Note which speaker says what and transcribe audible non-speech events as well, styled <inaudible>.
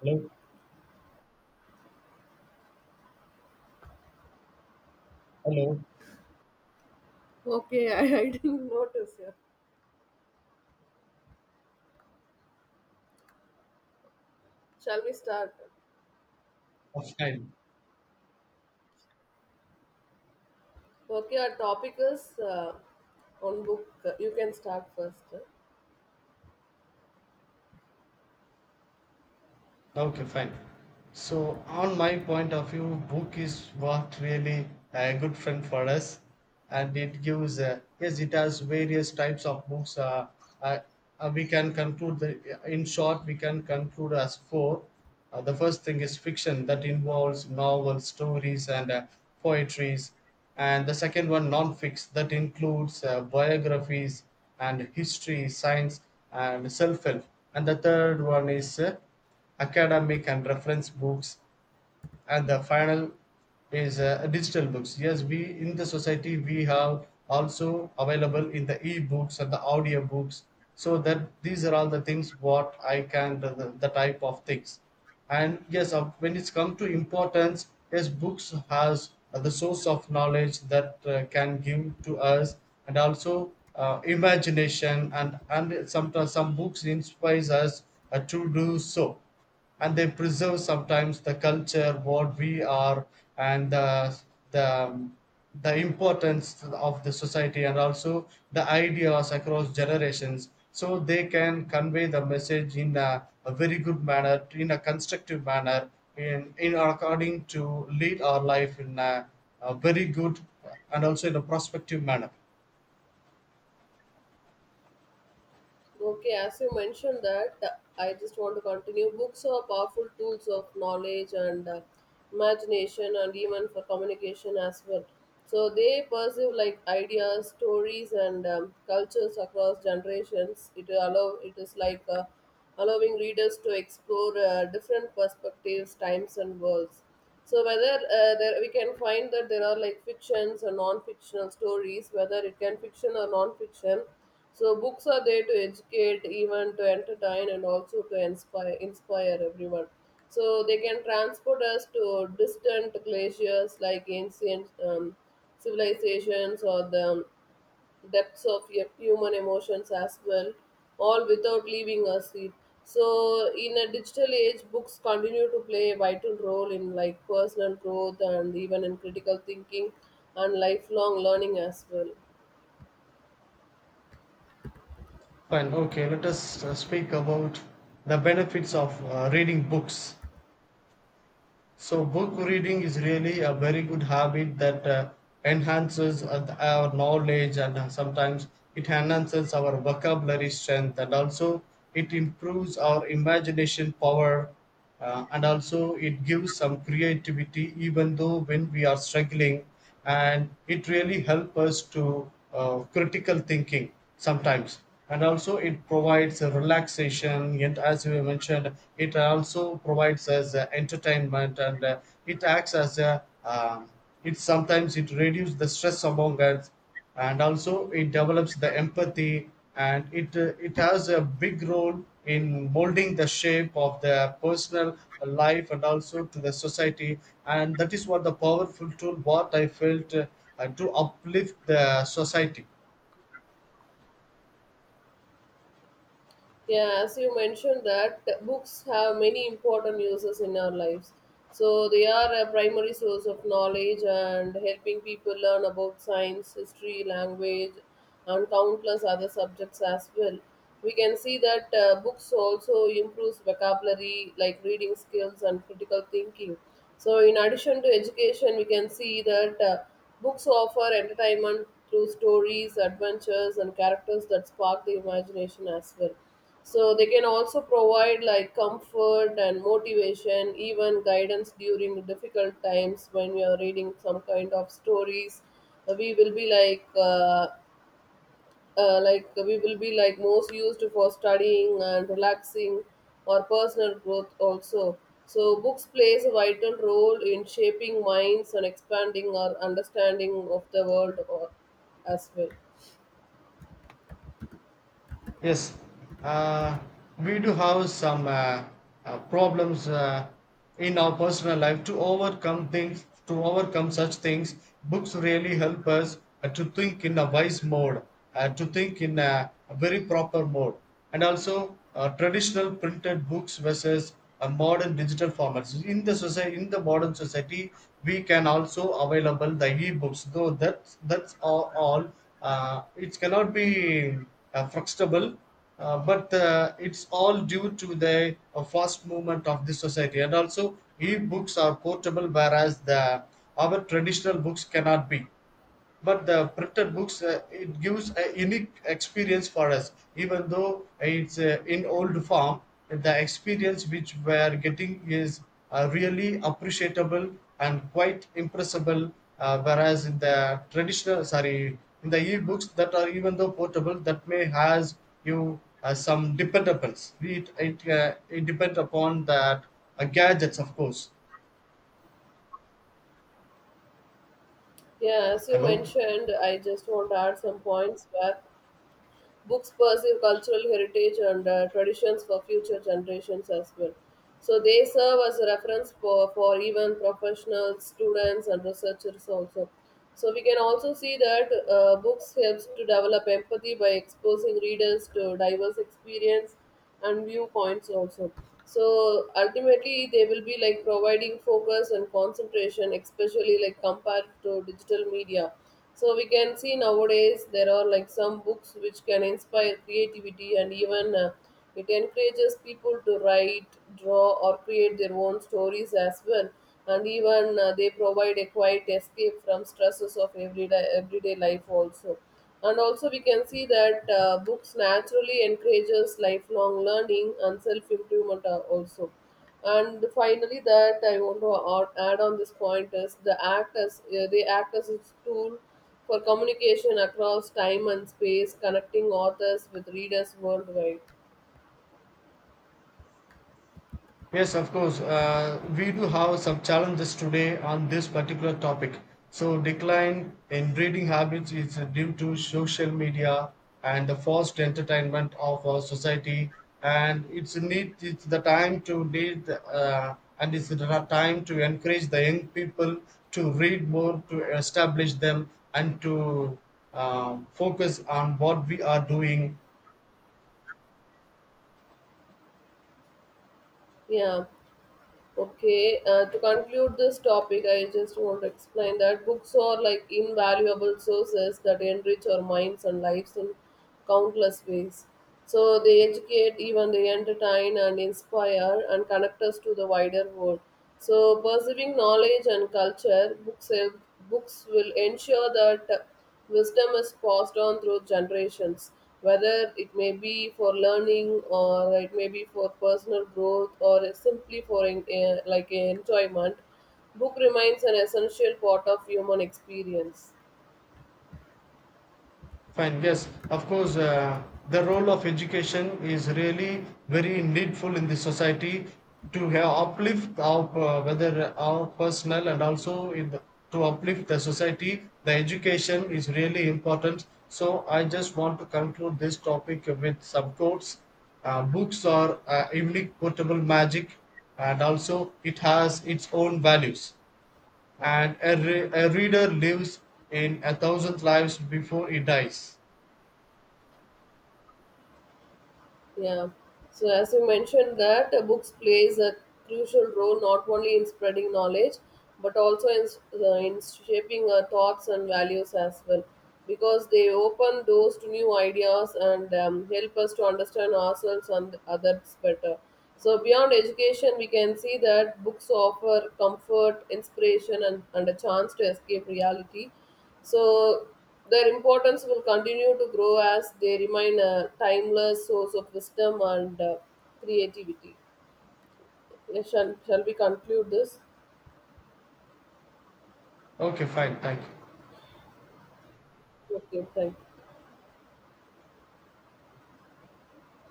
Speaker 1: Hello, hello.
Speaker 2: Okay, <laughs> I didn't notice. Yeah. Shall we start?
Speaker 1: Oh, fine.
Speaker 2: Okay, our topic is on book. You can start first.
Speaker 1: Okay, fine. So, on my point of view, book is what really a good friend for us, and yes, it has various types of books. Uh, we can conclude in short, we can conclude as 4. The first thing is fiction that involves novels, stories, and poetries, and the second one non-fix that includes biographies and history, science, and self-help, and the third one is academic and reference books, and the final is digital books. Yes, we in the society we have also available in the e-books and the audio books, so that these are all the things what I can the type of things. And yes, when it's come to importance, yes, books has the source of knowledge that can give to us, and also imagination, and sometimes some books inspires us to do so, and they preserve sometimes the culture what we are, and the, the importance of the society and also the ideas across generations, so they can convey the message in a very good manner, in a constructive manner, in according to lead our life in a very good and also in a prospective manner.
Speaker 2: Okay, as you mentioned that, I just want to continue. Books are powerful tools of knowledge and imagination, and even for communication as well. So they perceive like ideas, stories, and cultures across generations. It is like allowing readers to explore different perspectives, times, and worlds. So whether there, we can find that there are like fictions or non-fictional stories, whether it can fiction or non-fiction, so books are there to educate, even to entertain, and also to inspire everyone. So they can transport us to distant glaciers like ancient civilizations or the depths of human emotions as well, all without leaving a seat. So in a digital age, books continue to play a vital role in like personal growth and even in critical thinking and lifelong learning as well.
Speaker 1: Fine, okay, let us speak about the benefits of reading books. So book reading is really a very good habit that enhances our knowledge, and sometimes it enhances our vocabulary strength, and also it improves our imagination power, and also it gives some creativity even though when we are struggling, and it really helps us to critical thinking sometimes, and also it provides a relaxation, and as we mentioned it also provides us entertainment, and it acts as a it sometimes it reduces the stress among us, and also it develops the empathy, and it has a big role in molding the shape of their personal life and also to the society. And that is what the powerful tool what I felt, to uplift the society.
Speaker 2: Yeah, as you mentioned that books have many important uses in our lives. So they are a primary source of knowledge and helping people learn about science, history, language, and countless other subjects as well. We can see that books also improves vocabulary like reading skills and critical thinking. So in addition to education, we can see that books offer entertainment through stories, adventures, and characters that spark the imagination as well, so they can also provide like comfort and motivation, even guidance during difficult times when you're reading some kind of stories. We will be like we will be like most used for studying and relaxing or personal growth also, so books plays a vital role in shaping minds and expanding our understanding of the world or, as well.
Speaker 1: Yes, uh, we do have some problems in our personal life to overcome things, to overcome such things. Books really help us to think in a wise mode, to think in a very proper mode, and also traditional printed books versus modern digital formats in the society. In the modern society we can also available the e-books, though that's all, it cannot be flexible, but it's all due to the fast movement of this society, and also e-books are portable whereas the our traditional books cannot be. But the printed books, it gives a unique experience for us even though it's in old form. The experience which we are getting is really appreciable and quite impressible, whereas in the traditional, sorry, in the e-books that are even though portable, that may has you some dependables. It it depends upon that gadgets, of course.
Speaker 2: Yeah, as you
Speaker 1: Hello.
Speaker 2: mentioned, I just want to add some points where books preserve cultural heritage and traditions for future generations as well. So they serve as a reference for even professionals, students, and researchers also. So we can also see that books helps to develop empathy by exposing readers to diverse experience and viewpoints also. So ultimately, they will be like providing focus and concentration, especially like compared to digital media. So we can see nowadays there are like some books which can inspire creativity, and even it encourages people to write, draw, or create their own stories as well. And even they provide a quiet escape from stresses of everyday life also. And also we can see that books naturally encourages lifelong learning and self improvement also. And finally, that I want to add on this point is the act as they act as a tool for communication across time and space, connecting authors with readers worldwide.
Speaker 1: Yes, of course. We do have some challenges today on this particular topic. So, decline in reading habits is due to social media and the forced entertainment of our society, and it's a need. It's the time to need, and it's the time to encourage the young people to read more, to establish them, and to focus on what we are doing.
Speaker 2: Yeah. Okay, to conclude this topic, I just want to explain that books are like invaluable sources that enrich our minds and lives in countless ways. So they educate, even they entertain and inspire and connect us to the wider world. So perceiving knowledge and culture, books will ensure that wisdom is passed on through generations, whether it may be for learning or it may be for personal growth or simply for like enjoyment. Book remains an essential part of human experience.
Speaker 1: Fine. Yes, of course, the role of education is really very needful in the society to have uplift our whether our personal and also in to uplift the society. The education is really important. So I just want to conclude this topic with some quotes. Books are unique portable magic, and also it has its own values. And a reader lives in 1,000 lives before he dies.
Speaker 2: Yeah. So as you mentioned that books plays a crucial role not only in spreading knowledge but also in shaping our thoughts and values as well, because they open doors to new ideas and help us to understand ourselves and others better. So beyond education, we can see that books offer comfort, inspiration, and a chance to escape reality, so their importance will continue to grow as they remain a timeless source of wisdom and creativity. Yes, shall we conclude this?
Speaker 1: Okay, fine. Thank you.
Speaker 2: Okay, thank you.